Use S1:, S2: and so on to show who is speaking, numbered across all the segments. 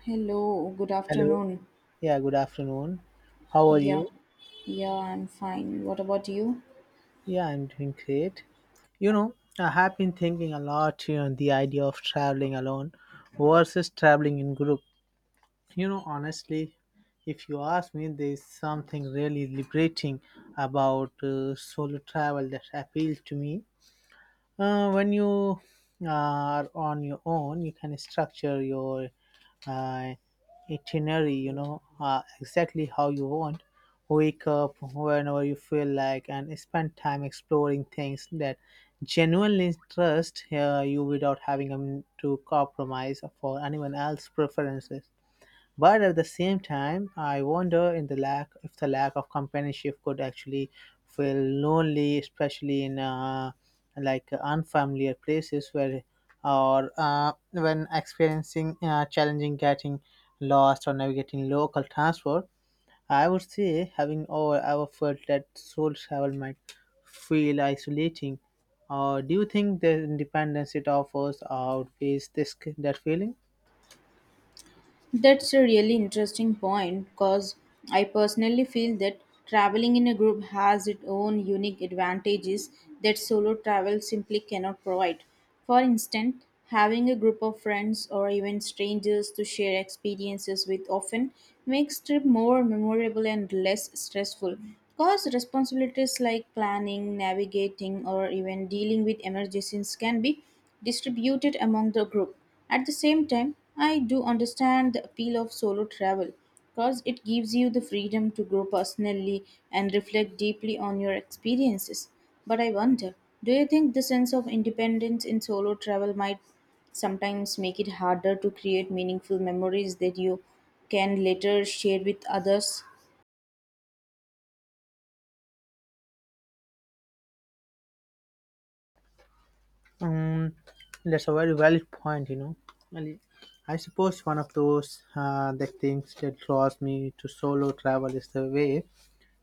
S1: Hello, good
S2: Hello.
S1: afternoon.
S2: Yeah, good afternoon. How are
S1: Yeah,
S2: you?
S1: yeah, I'm fine. What about you?
S2: Yeah, I'm doing great. You know, I have been thinking a lot here on the idea of traveling alone versus traveling in group. You know, honestly, if you ask me, there's something really liberating about solo travel that appeals to me. When you are on your own, you can structure your uh, itinerary, you know, exactly how you want. Wake up whenever you feel like and spend time exploring things that genuinely interest you without having to compromise for anyone else's preferences. But at the same time, I wonder in the lack if the lack of companionship could actually feel lonely, especially in like unfamiliar places where or when experiencing challenging getting lost or navigating local transport. I would say having all ever felt that soul travel might feel isolating. Or do you think the independence it offers outweighs this that feeling?
S1: That's a really interesting point because I personally feel that traveling in a group has its own unique advantages that solo travel simply cannot provide. For instance, having a group of friends or even strangers to share experiences with often makes trip more memorable and less stressful because responsibilities like planning, navigating or even dealing with emergencies can be distributed among the group. At the same time, I do understand the appeal of solo travel because it gives you the freedom to grow personally and reflect deeply on your experiences. But I wonder, do you think the sense of independence in solo travel might sometimes make it harder to create meaningful memories that you can later share with others?
S2: Um, that's a very valid point, you know. And I suppose one of those the things that draws me to solo travel is the way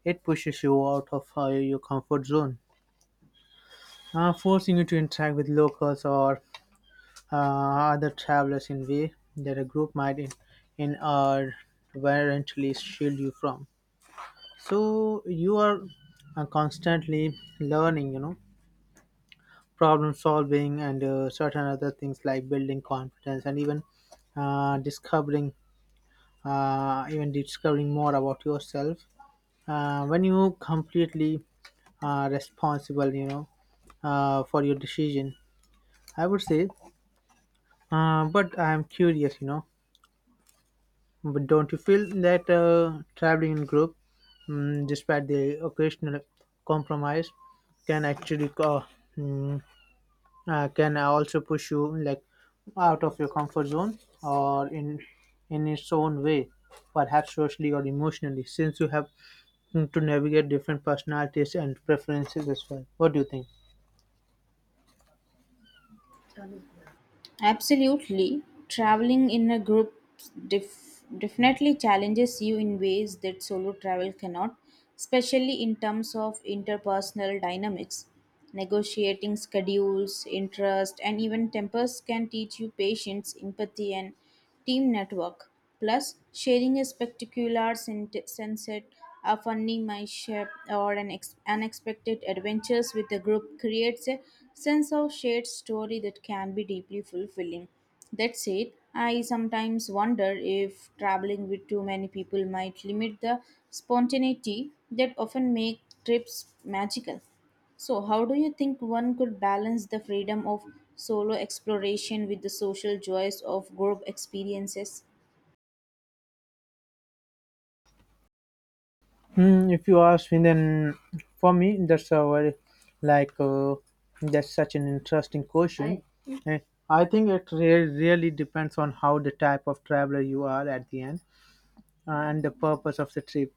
S2: it pushes you out of your comfort zone, forcing you to interact with locals or uh, other travelers in way that a group might in or eventually shield you from. So you are constantly learning, you know, problem solving and certain other things like building confidence and even discovering even discovering more about yourself when you completely responsible, you know, for your decision, I would say. But I'm curious, you know, but don't you feel that traveling in group, despite the occasional compromise, can actually can also push you, like, out of your comfort zone, or in its own way, perhaps socially or emotionally, since you have to navigate different personalities and preferences as well? What do you think?
S1: Absolutely. Traveling in a group definitely challenges you in ways that solo travel cannot, especially in terms of interpersonal dynamics. Negotiating schedules, interest, and even tempers can teach you patience, empathy, and team network. Plus, sharing a spectacular sunset, a funny my ship, or an unexpected adventures with a group creates a sense of shared story that can be deeply fulfilling. That said, I sometimes wonder if traveling with too many people might limit the spontaneity that often make trips magical. So, how do you think one could balance the freedom of solo exploration with the social joys of group experiences?
S2: Hmm, if you ask me, then for me that's a very like that's such an interesting question. Eh, I think it really depends on how the type of traveler you are at the end and the purpose of the trip.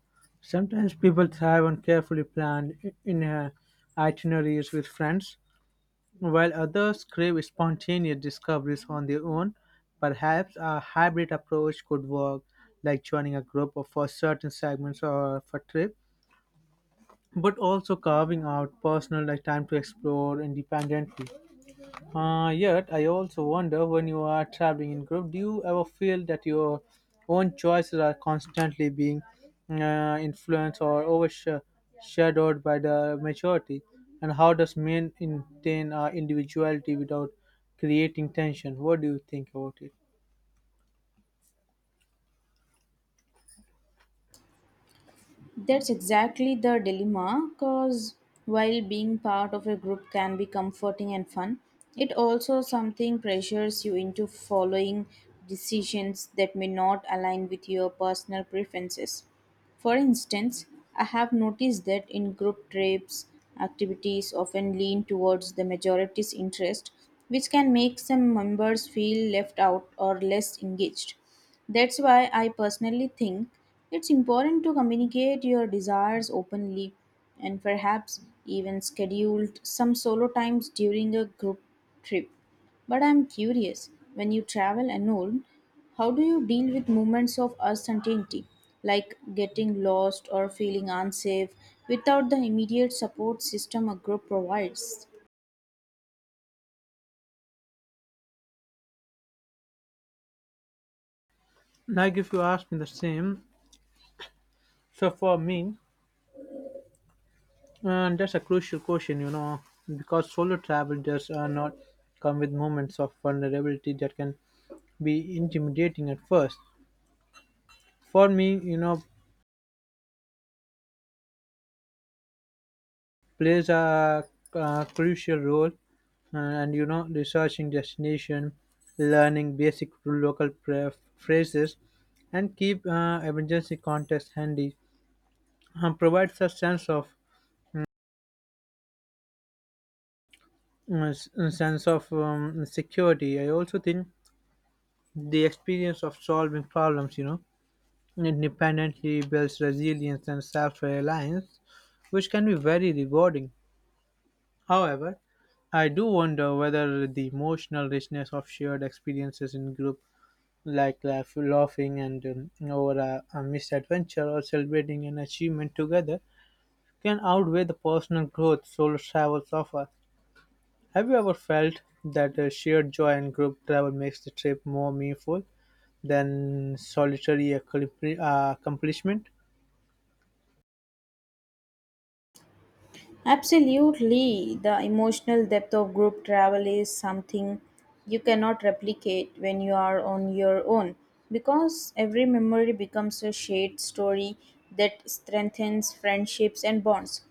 S2: Sometimes people thrive on carefully planned I- in itineraries with friends, while others crave spontaneous discoveries on their own. Perhaps a hybrid approach could work, like joining a group for certain segments or for trip, but also carving out personal, like, time to explore independently. Yet, I also wonder, when you are traveling in group, do you ever feel that your own choices are constantly being influenced or overshadowed by the majority? And how does maintain our individuality without creating tension? What do you think about it?
S1: That's exactly the dilemma because while being part of a group can be comforting and fun, it also something pressures you into following decisions that may not align with your personal preferences. For instance, I have noticed that in group trips, activities often lean towards the majority's interest, which can make some members feel left out or less engaged. That's why I personally think it's important to communicate your desires openly and perhaps even schedule some solo times during a group trip. But I'm curious, when you travel alone, how do you deal with moments of uncertainty, like getting lost or feeling unsafe, without the immediate support system a group provides?
S2: Like, if you ask me the same, so for me, that's a crucial question, you know, because solo travel does not come with moments of vulnerability that can be intimidating at first. For me, you know, plays a, crucial role, and, you know, researching destination, learning basic local phrases and keep emergency contacts handy, provides a sense of security. I also think the experience of solving problems, you know, independently builds resilience and self-reliance, which can be very rewarding. However, I do wonder whether the emotional richness of shared experiences in group, like laughing and over a misadventure or celebrating an achievement together, can outweigh the personal growth solo travels offer. Have you ever felt that shared joy in group travel makes the trip more meaningful than solitary accomplishment?
S1: Absolutely. The emotional depth of group travel is something you cannot replicate when you are on your own because every memory becomes a shared story that strengthens friendships and bonds.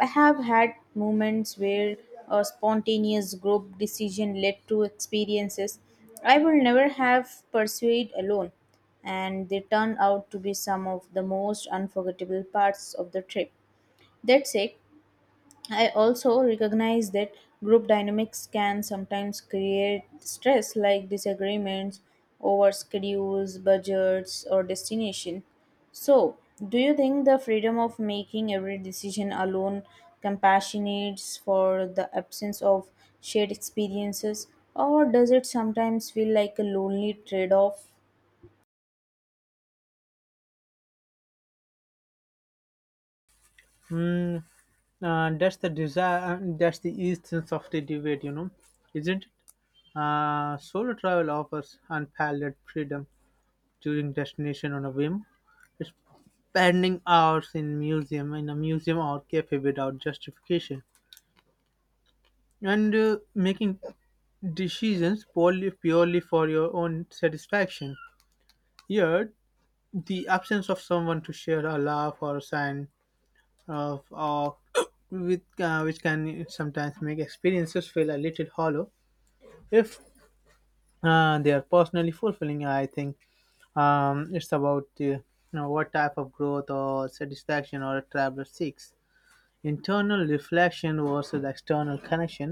S1: I have had moments where a spontaneous group decision led to experiences I would never have pursued alone, and they turn out to be some of the most unforgettable parts of the trip. That's it. I also recognize that group dynamics can sometimes create stress like disagreements over schedules, budgets, or destination. So, do you think the freedom of making every decision alone compassionates for the absence of shared experiences, or does it sometimes feel like a lonely trade off?
S2: Mm, that's the desire. That's the essence of the debate, you know, isn't it? Solo travel offers unparalleled freedom, choosing destination on a whim. It's spending hours in a museum or cafe without justification, and making decisions purely for your own satisfaction. Yet, the absence of someone to share a laugh or a sign of awe, with which can sometimes make experiences feel a little hollow if they are personally fulfilling, I think. It's about, you know, what type of growth or satisfaction or a traveler seeks. Internal reflection versus external connection.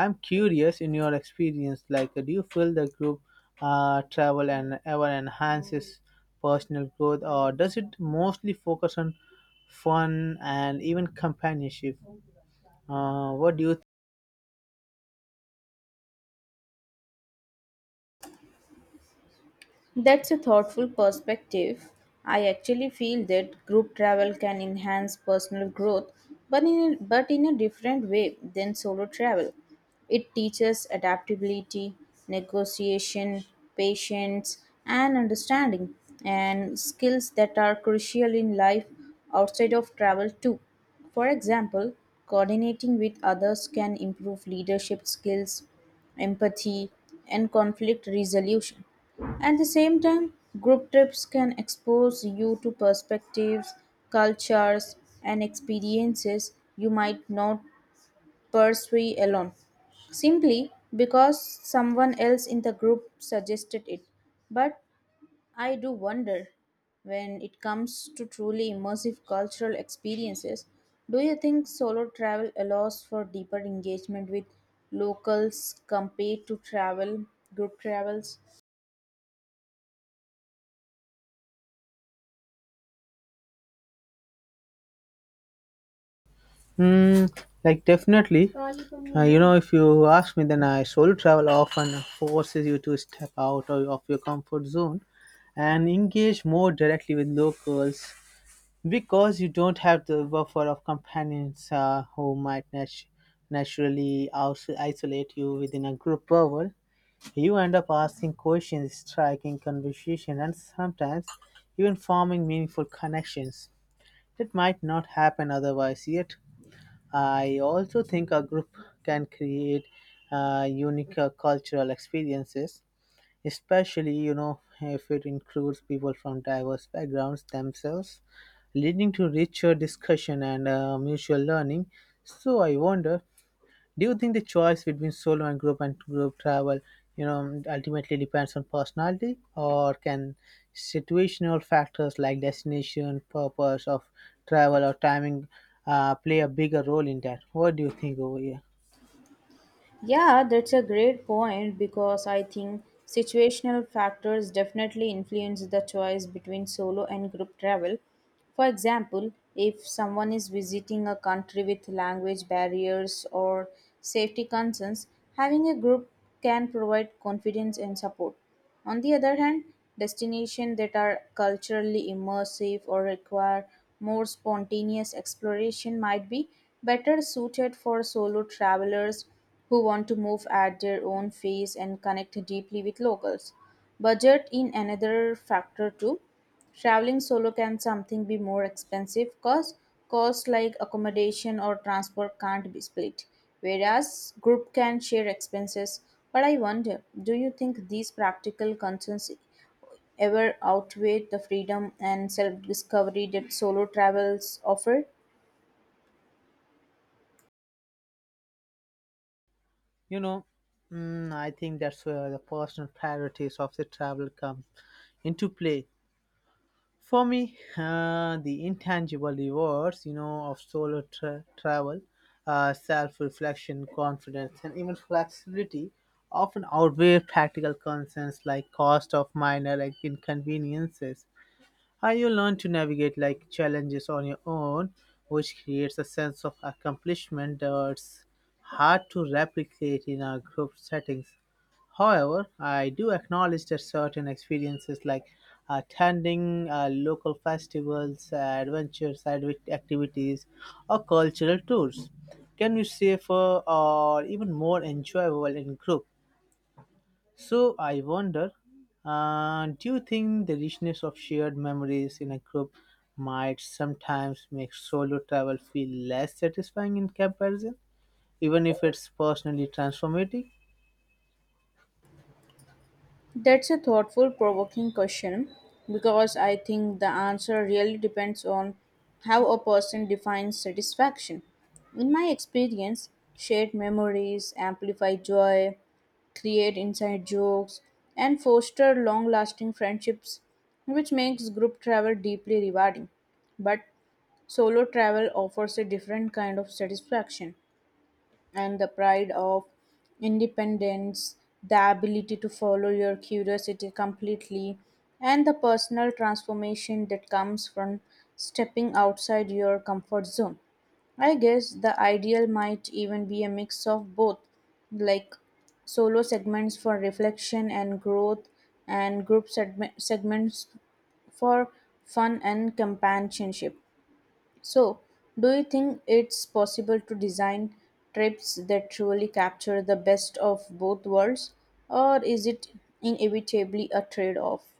S2: I'm curious, in your experience, like, do you feel the group travel and ever enhances personal growth, or does it mostly focus on fun and even companionship? What do you
S1: That's a thoughtful perspective. I actually feel that group travel can enhance personal growth, but in a different way than solo travel. It teaches adaptability, negotiation, patience, and understanding, and skills that are crucial in life outside of travel too. For example, coordinating with others can improve leadership skills, empathy, and conflict resolution. At the same time, group trips can expose you to perspectives, cultures, and experiences you might not pursue alone simply because someone else in the group suggested it. But I do wonder, when it comes to truly immersive cultural experiences, do you think solo travel allows for deeper engagement with locals compared to travel group travels?
S2: Hmm, like, definitely. You know, if you ask me, then I solo travel often forces you to step out of your comfort zone and engage more directly with locals because you don't have the buffer of companions who might naturally isolate you within a group bubble. You end up asking questions, striking conversation, and sometimes even forming meaningful connections that might not happen otherwise. Yet I also think a group can create unique cultural experiences, especially, you know, if it includes people from diverse backgrounds themselves, leading to richer discussion and mutual learning. So I wonder, do you think the choice between solo and group travel, you know, ultimately depends on personality, or can situational factors like destination, purpose of travel, or timing play a bigger role in that? What do you think over here?
S1: Yeah, that's a great point because I think situational factors definitely influence the choice between solo and group travel. For example, if someone is visiting a country with language barriers or safety concerns, having a group can provide confidence and support. On the other hand, destinations that are culturally immersive or require more spontaneous exploration might be better suited for solo travelers who want to move at their own pace and connect deeply with locals. Budget in another factor too. Traveling solo can something be more expensive cause costs like accommodation or transport can't be split, whereas group can share expenses. But I wonder, do you think these practical concerns ever outweigh the freedom and self-discovery that solo travels offer?
S2: You know, I think that's where the personal priorities of the travel come into play. For me, the intangible rewards, you know, of solo travel, self-reflection, confidence, and even flexibility often outweigh practical concerns like cost of minor, like, inconveniences. You learn to navigate, like, challenges on your own, which creates a sense of accomplishment that's hard to replicate in a group settings. However, I do acknowledge that certain experiences like attending local festivals, adventure side activities, or cultural tours can be safer or even more enjoyable in group. So I wonder, do you think the richness of shared memories in a group might sometimes make solo travel feel less satisfying in comparison, even if it's personally transformative?
S1: That's a thoughtful, provoking question because I think the answer really depends on how a person defines satisfaction. In my experience, shared memories amplify joy, create inside jokes, and foster long lasting friendships, which makes group travel deeply rewarding. But solo travel offers a different kind of satisfaction and the pride of independence, the ability to follow your curiosity completely, and the personal transformation that comes from stepping outside your comfort zone. I guess the ideal might even be a mix of both, like solo segments for reflection and growth, and segments for fun and companionship. So, do you think it's possible to design trips that truly capture the best of both worlds, or is it inevitably a trade off?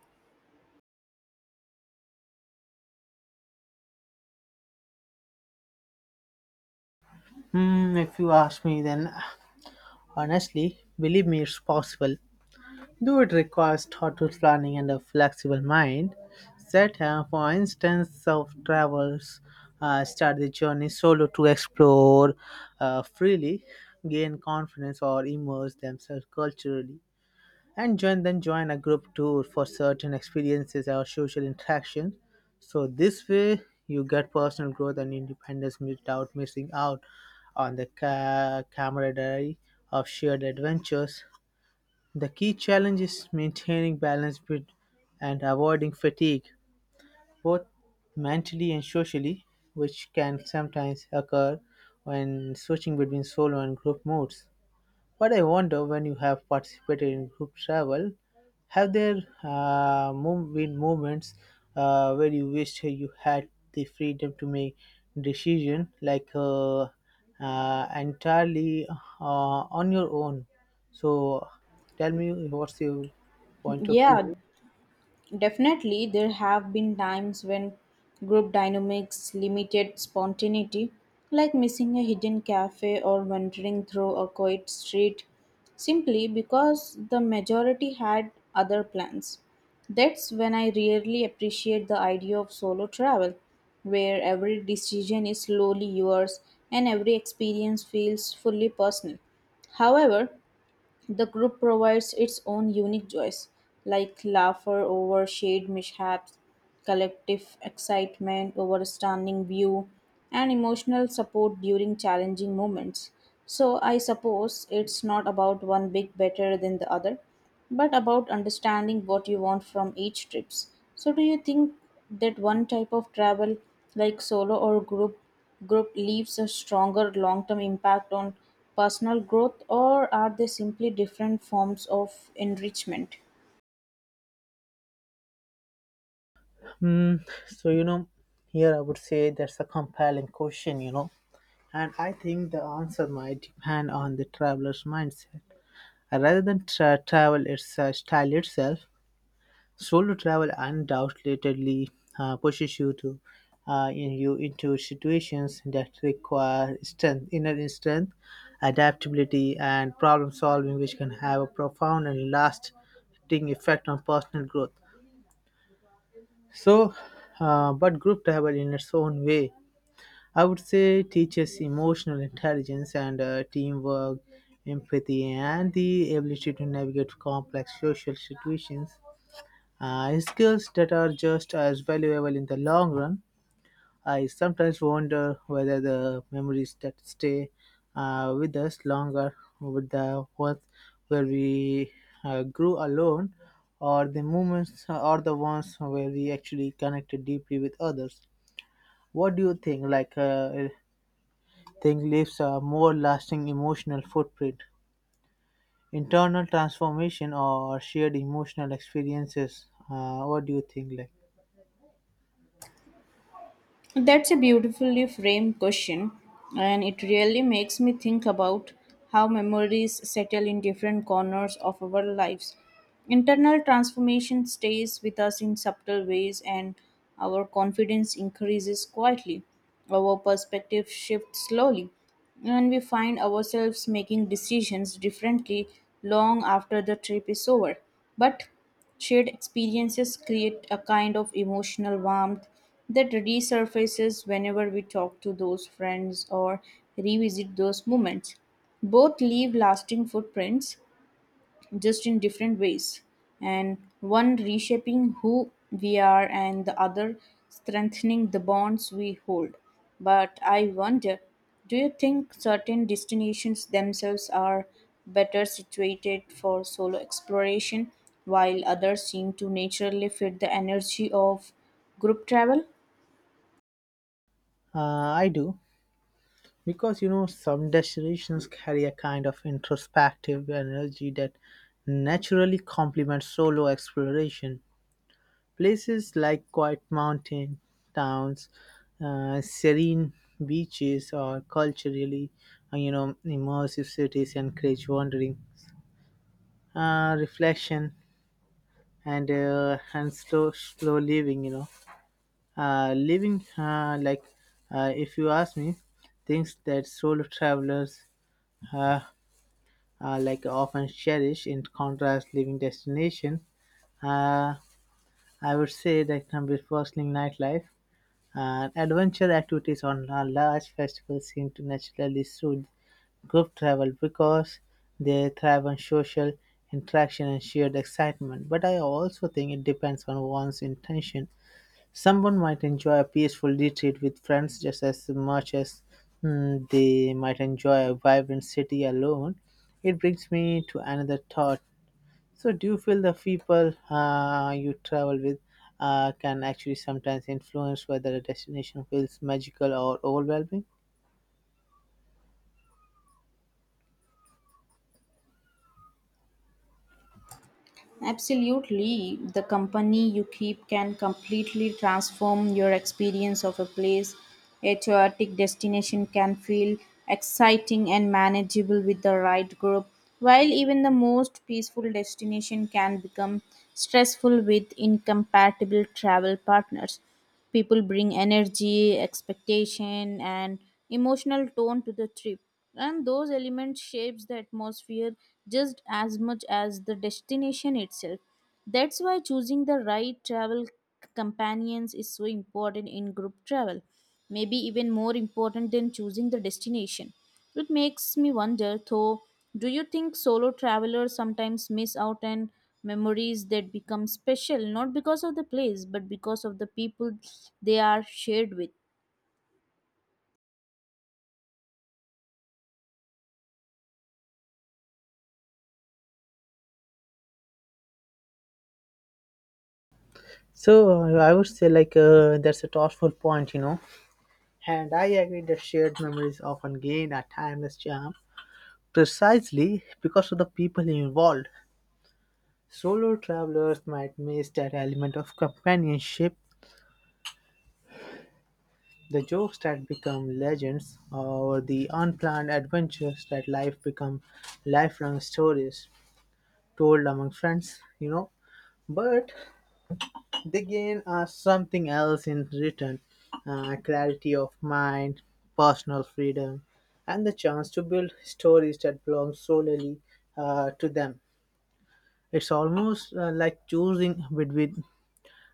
S2: Hmm, if you ask me, then honestly, believe me, it's possible. Though it requires thoughtful planning and a flexible mind, set for instance of travels start the journey solo to explore freely, gain confidence or immerse themselves culturally, and join a group tour for certain experiences or social interaction. So this way you get personal growth and independence without missing out on the camaraderie of shared adventures. The key challenge is maintaining balance with and avoiding fatigue, both mentally and socially, which can sometimes occur when switching between solo and group modes. But I wonder, when you have participated in group travel, have there been moments where you wished you had the freedom to make decision, like, entirely, on your own? So tell me, what's your point of
S1: Yeah,
S2: view?
S1: definitely, there have been times when group dynamics limited spontaneity, like missing a hidden cafe or wandering through a quiet street simply because the majority had other plans. That's when I really appreciate the idea of solo travel, where every decision is slowly yours and every experience feels fully personal. However, the group provides its own unique joys, like laughter over shared mishaps, collective excitement over a stunning view, and emotional support during challenging moments. So, I suppose it's not about one big better than the other, but about understanding what you want from each trips. So do you think that one type of travel like solo or group leaves a stronger long-term impact on personal growth, or are they simply different forms of enrichment?
S2: Hmm. So, you know, here I would say that's a compelling question, you know, and I think the answer might depend on the traveler's mindset. Rather than travel its style itself, solo travel undoubtedly pushes you to in you into situations that require strength, inner strength, adaptability, and problem solving, which can have a profound and lasting effect on personal growth. So, but group travel, in its own way, I would say teaches emotional intelligence and teamwork, empathy, and the ability to navigate complex social situations. Skills that are just as valuable in the long run. I sometimes wonder whether the memories that stay with us longer with the ones where we grew alone, or the ones where we actually connected deeply with others. What do you think, like, thing leaves a more lasting emotional footprint? Internal transformation or shared emotional experiences. What do you think? Like,
S1: That's a beautifully framed question, and it really makes me think about how memories settle in different corners of our lives. Internal transformation stays with us in subtle ways, and our confidence increases quietly. Our perspective shifts slowly, and we find ourselves making decisions differently long after the trip is over. But shared experiences create a kind of emotional warmth that resurfaces whenever we talk to those friends or revisit those moments. Both leave lasting footprints, just in different ways, and one reshaping who we are and the other strengthening the bonds we hold. But I wonder, do you think certain destinations themselves are better situated for solo exploration while others seem to naturally fit the energy of group travel?
S2: I do, because, you know, some destinations carry a kind of introspective energy that naturally complements solo exploration. Places like quiet mountain towns, serene beaches, or culturally, you know, immersive cities encourage wandering, reflection, and slow living, you know, living like if you ask me, things that solo travelers uh, like often cherish. In contrast, living destination, uh, I would say that, with bustling nightlife and adventure activities on a large festivals, seem to naturally suit group travel because they thrive on social interaction and shared excitement. But I also think it depends on one's intention. Someone might enjoy a peaceful retreat with friends just as much as they might enjoy a vibrant city alone. It brings me to another thought. So, do you feel the people you travel with can actually sometimes influence whether a destination feels magical or overwhelming?
S1: Absolutely. The company you keep can completely transform your experience of a place. A chaotic destination can feel exciting and manageable with the right group, while even the most peaceful destination can become stressful with incompatible travel partners. People bring energy, expectation, and emotional tone to the trip, and those elements shapes the atmosphere just as much as the destination itself. That's why choosing the right companions is so important in group travel, maybe even more important than choosing the destination. It makes me wonder, though, do you think solo travelers sometimes miss out on memories that become special not because of the place but because of the people they are shared with?
S2: So, I would say, like, that's a thoughtful point, you know. And I agree that shared memories often gain a timeless charm precisely because of the people involved. Solo travelers might miss that element of companionship, the jokes that become legends, or the unplanned adventures that life become lifelong stories told among friends, you know. But they gain us something else in return, clarity of mind, personal freedom, and the chance to build stories that belong solely, to them. It's almost, like choosing between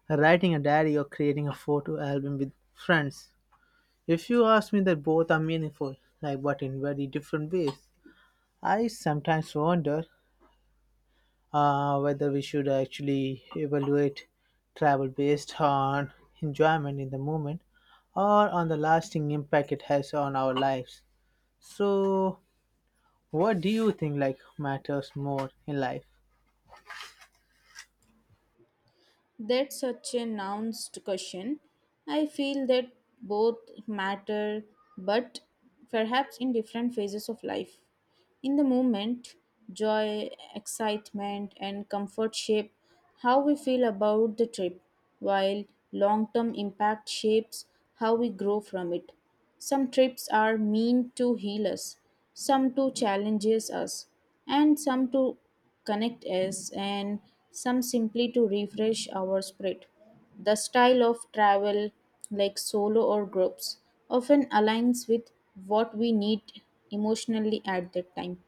S2: writing a diary or creating a photo album with friends. If you ask me that both are meaningful, like but in very different ways, I sometimes wonder, whether we should actually evaluate travel based on enjoyment in the moment or on the lasting impact it has on our lives. So, what do you think like matters more in life?
S1: That's such a nuanced question. I feel that both matter, but perhaps in different phases of life. In the moment, joy, excitement, and comfort shape how we feel about the trip, while long term impact shapes how we grow from it. Some trips are meant to heal us, some to challenges us, and some to connect us, and some simply to refresh our spirit. The style of travel, like solo or groups, often aligns with what we need emotionally at that time.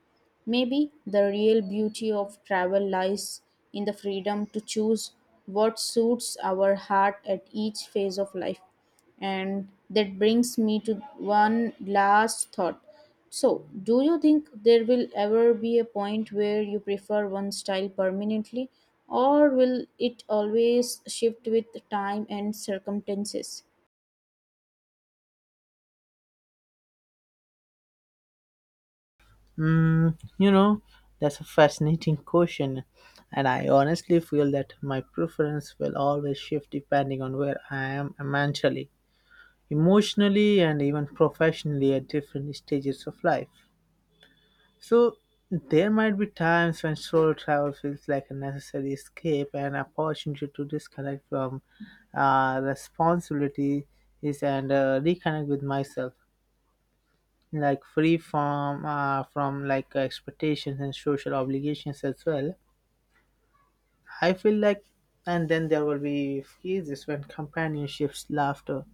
S1: Maybe the real beauty of travel lies in the freedom to choose what suits our heart at each phase of life. And that brings me to one last thought. So, do you think there will ever be a point where you prefer one style permanently, or will it always shift with time and circumstances?
S2: Mm, you know, that's a fascinating question, and I honestly feel that my preference will always shift depending on where I am mentally, emotionally, and even professionally at different stages of life. So, there might be times when solo travel feels like a necessary escape and opportunity to disconnect from, responsibilities and reconnect with myself, like free from like expectations and social obligations as well, I feel like. And then there will be phases when companionships, laughter,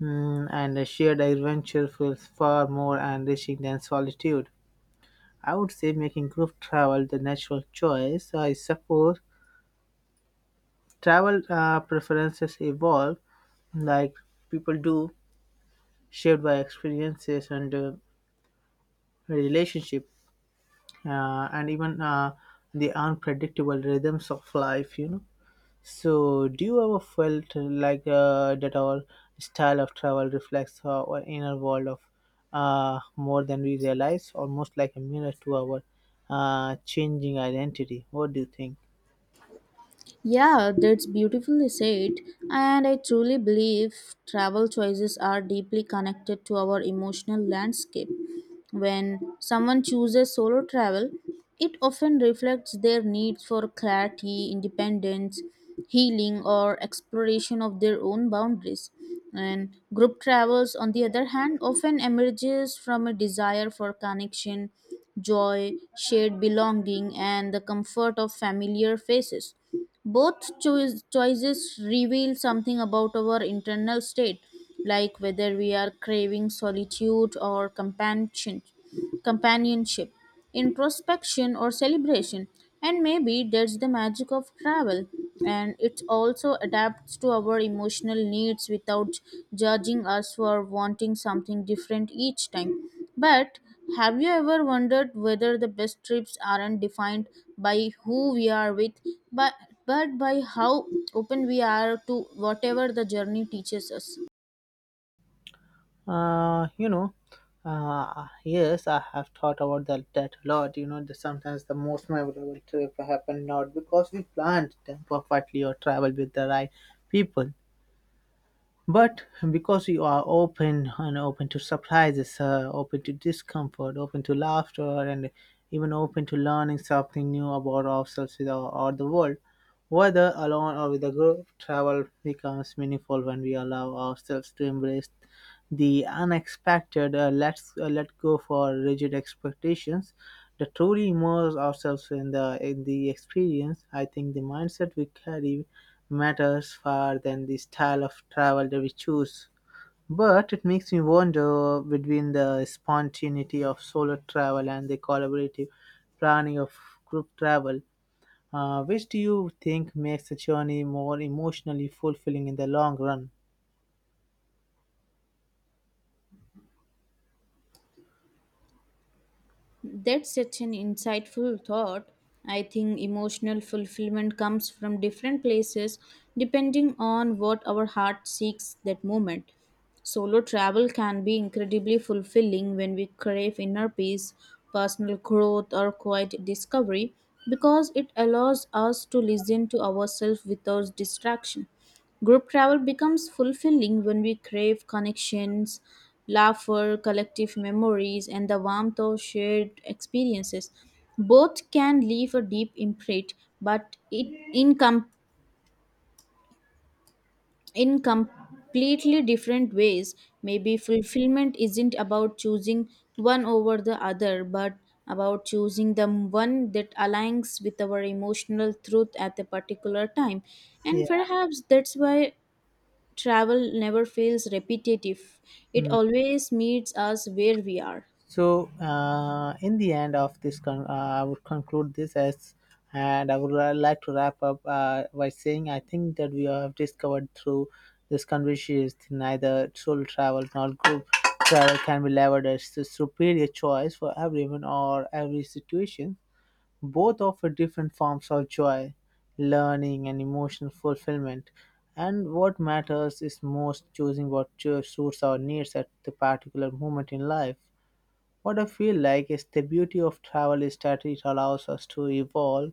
S2: and a shared adventure feels far more enriching than solitude, I would say, making group travel the natural choice, I suppose. Travel preferences evolve, like people do, shaped by experiences and, relationship, and even, the unpredictable rhythms of life, you know. So do you ever felt, that our style of travel reflects our inner world of, more than we realize, almost like a mirror to our, changing identity? What do you think?
S1: Yeah, that's beautifully said. And I truly believe travel choices are deeply connected to our emotional landscape. When someone chooses solo travel, it often reflects their needs for clarity, independence, healing, or exploration of their own boundaries. And group travels, on the other hand, often emerges from a desire for connection, joy, shared belonging, and the comfort of familiar faces. Both choices reveal something about our internal state, like whether we are craving solitude or companionship, introspection or celebration. And maybe that's the magic of travel. And it also adapts to our emotional needs without judging us for wanting something different each time. But have you ever wondered whether the best trips aren't defined by who we are with, but, but by how open we are to whatever the journey teaches us?
S2: uh, you know yes, I have thought about that a lot, you know. Sometimes the most memorable trip happen not because we planned them perfectly or traveled with the right people. But because you are open and open to surprises, open to discomfort, open to laughter, and even open to learning something new about ourselves with our, or the world, whether alone or with a group, travel becomes meaningful when we allow ourselves to embrace the unexpected. Let's let go for rigid expectations. To truly immerse ourselves in the experience, I think the mindset we carry matters far than the style of travel that we choose. But it makes me wonder, between the spontaneity of solo travel and the collaborative planning of group travel, which do you think makes the journey more emotionally fulfilling in the long run?
S1: That's such an insightful thought. I think emotional fulfillment comes from different places depending on what our heart seeks that moment. Solo travel can be incredibly fulfilling when we crave inner peace, personal growth, or quiet discovery because it allows us to listen to ourselves without distraction. Group travel becomes fulfilling when we crave connections, laughter, collective memories, and the warmth of shared experiences. Both can leave a deep imprint, but it in, com- in completely different ways. Maybe fulfillment isn't about choosing one over the other, but about choosing the one that aligns with our emotional truth at a particular time. And
S2: Yeah.
S1: perhaps that's why travel never feels repetitive, it
S2: Hmm.
S1: always meets us where we are.
S2: So, in the end of this, I would conclude this as, and I would like to wrap up by saying I think that we have discovered through this conversation is neither solo travel nor group travel can be levered as the superior choice for everyone or every situation. Both offer different forms of joy, learning, and emotional fulfillment. And what matters is most choosing what suits our needs at the particular moment in life. What I feel like is the beauty of travel is that it allows us to evolve,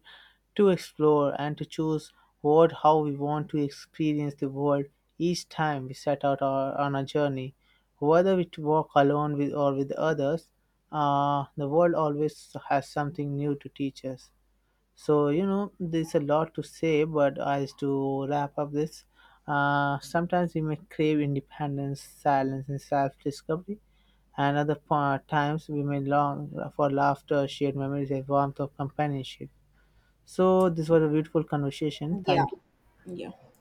S2: to explore, and to choose what how we want to experience the world each time we set out our, on a journey. Whether we walk alone with or with others, the world always has something new to teach us. So, you know, there's a lot to say, but as to wrap up this, sometimes we may crave independence, silence, and self discovery, and other times we may long for laughter, shared memories, and warmth of companionship. So, this was a beautiful conversation.
S1: Yeah,
S2: Thank you.
S1: yeah.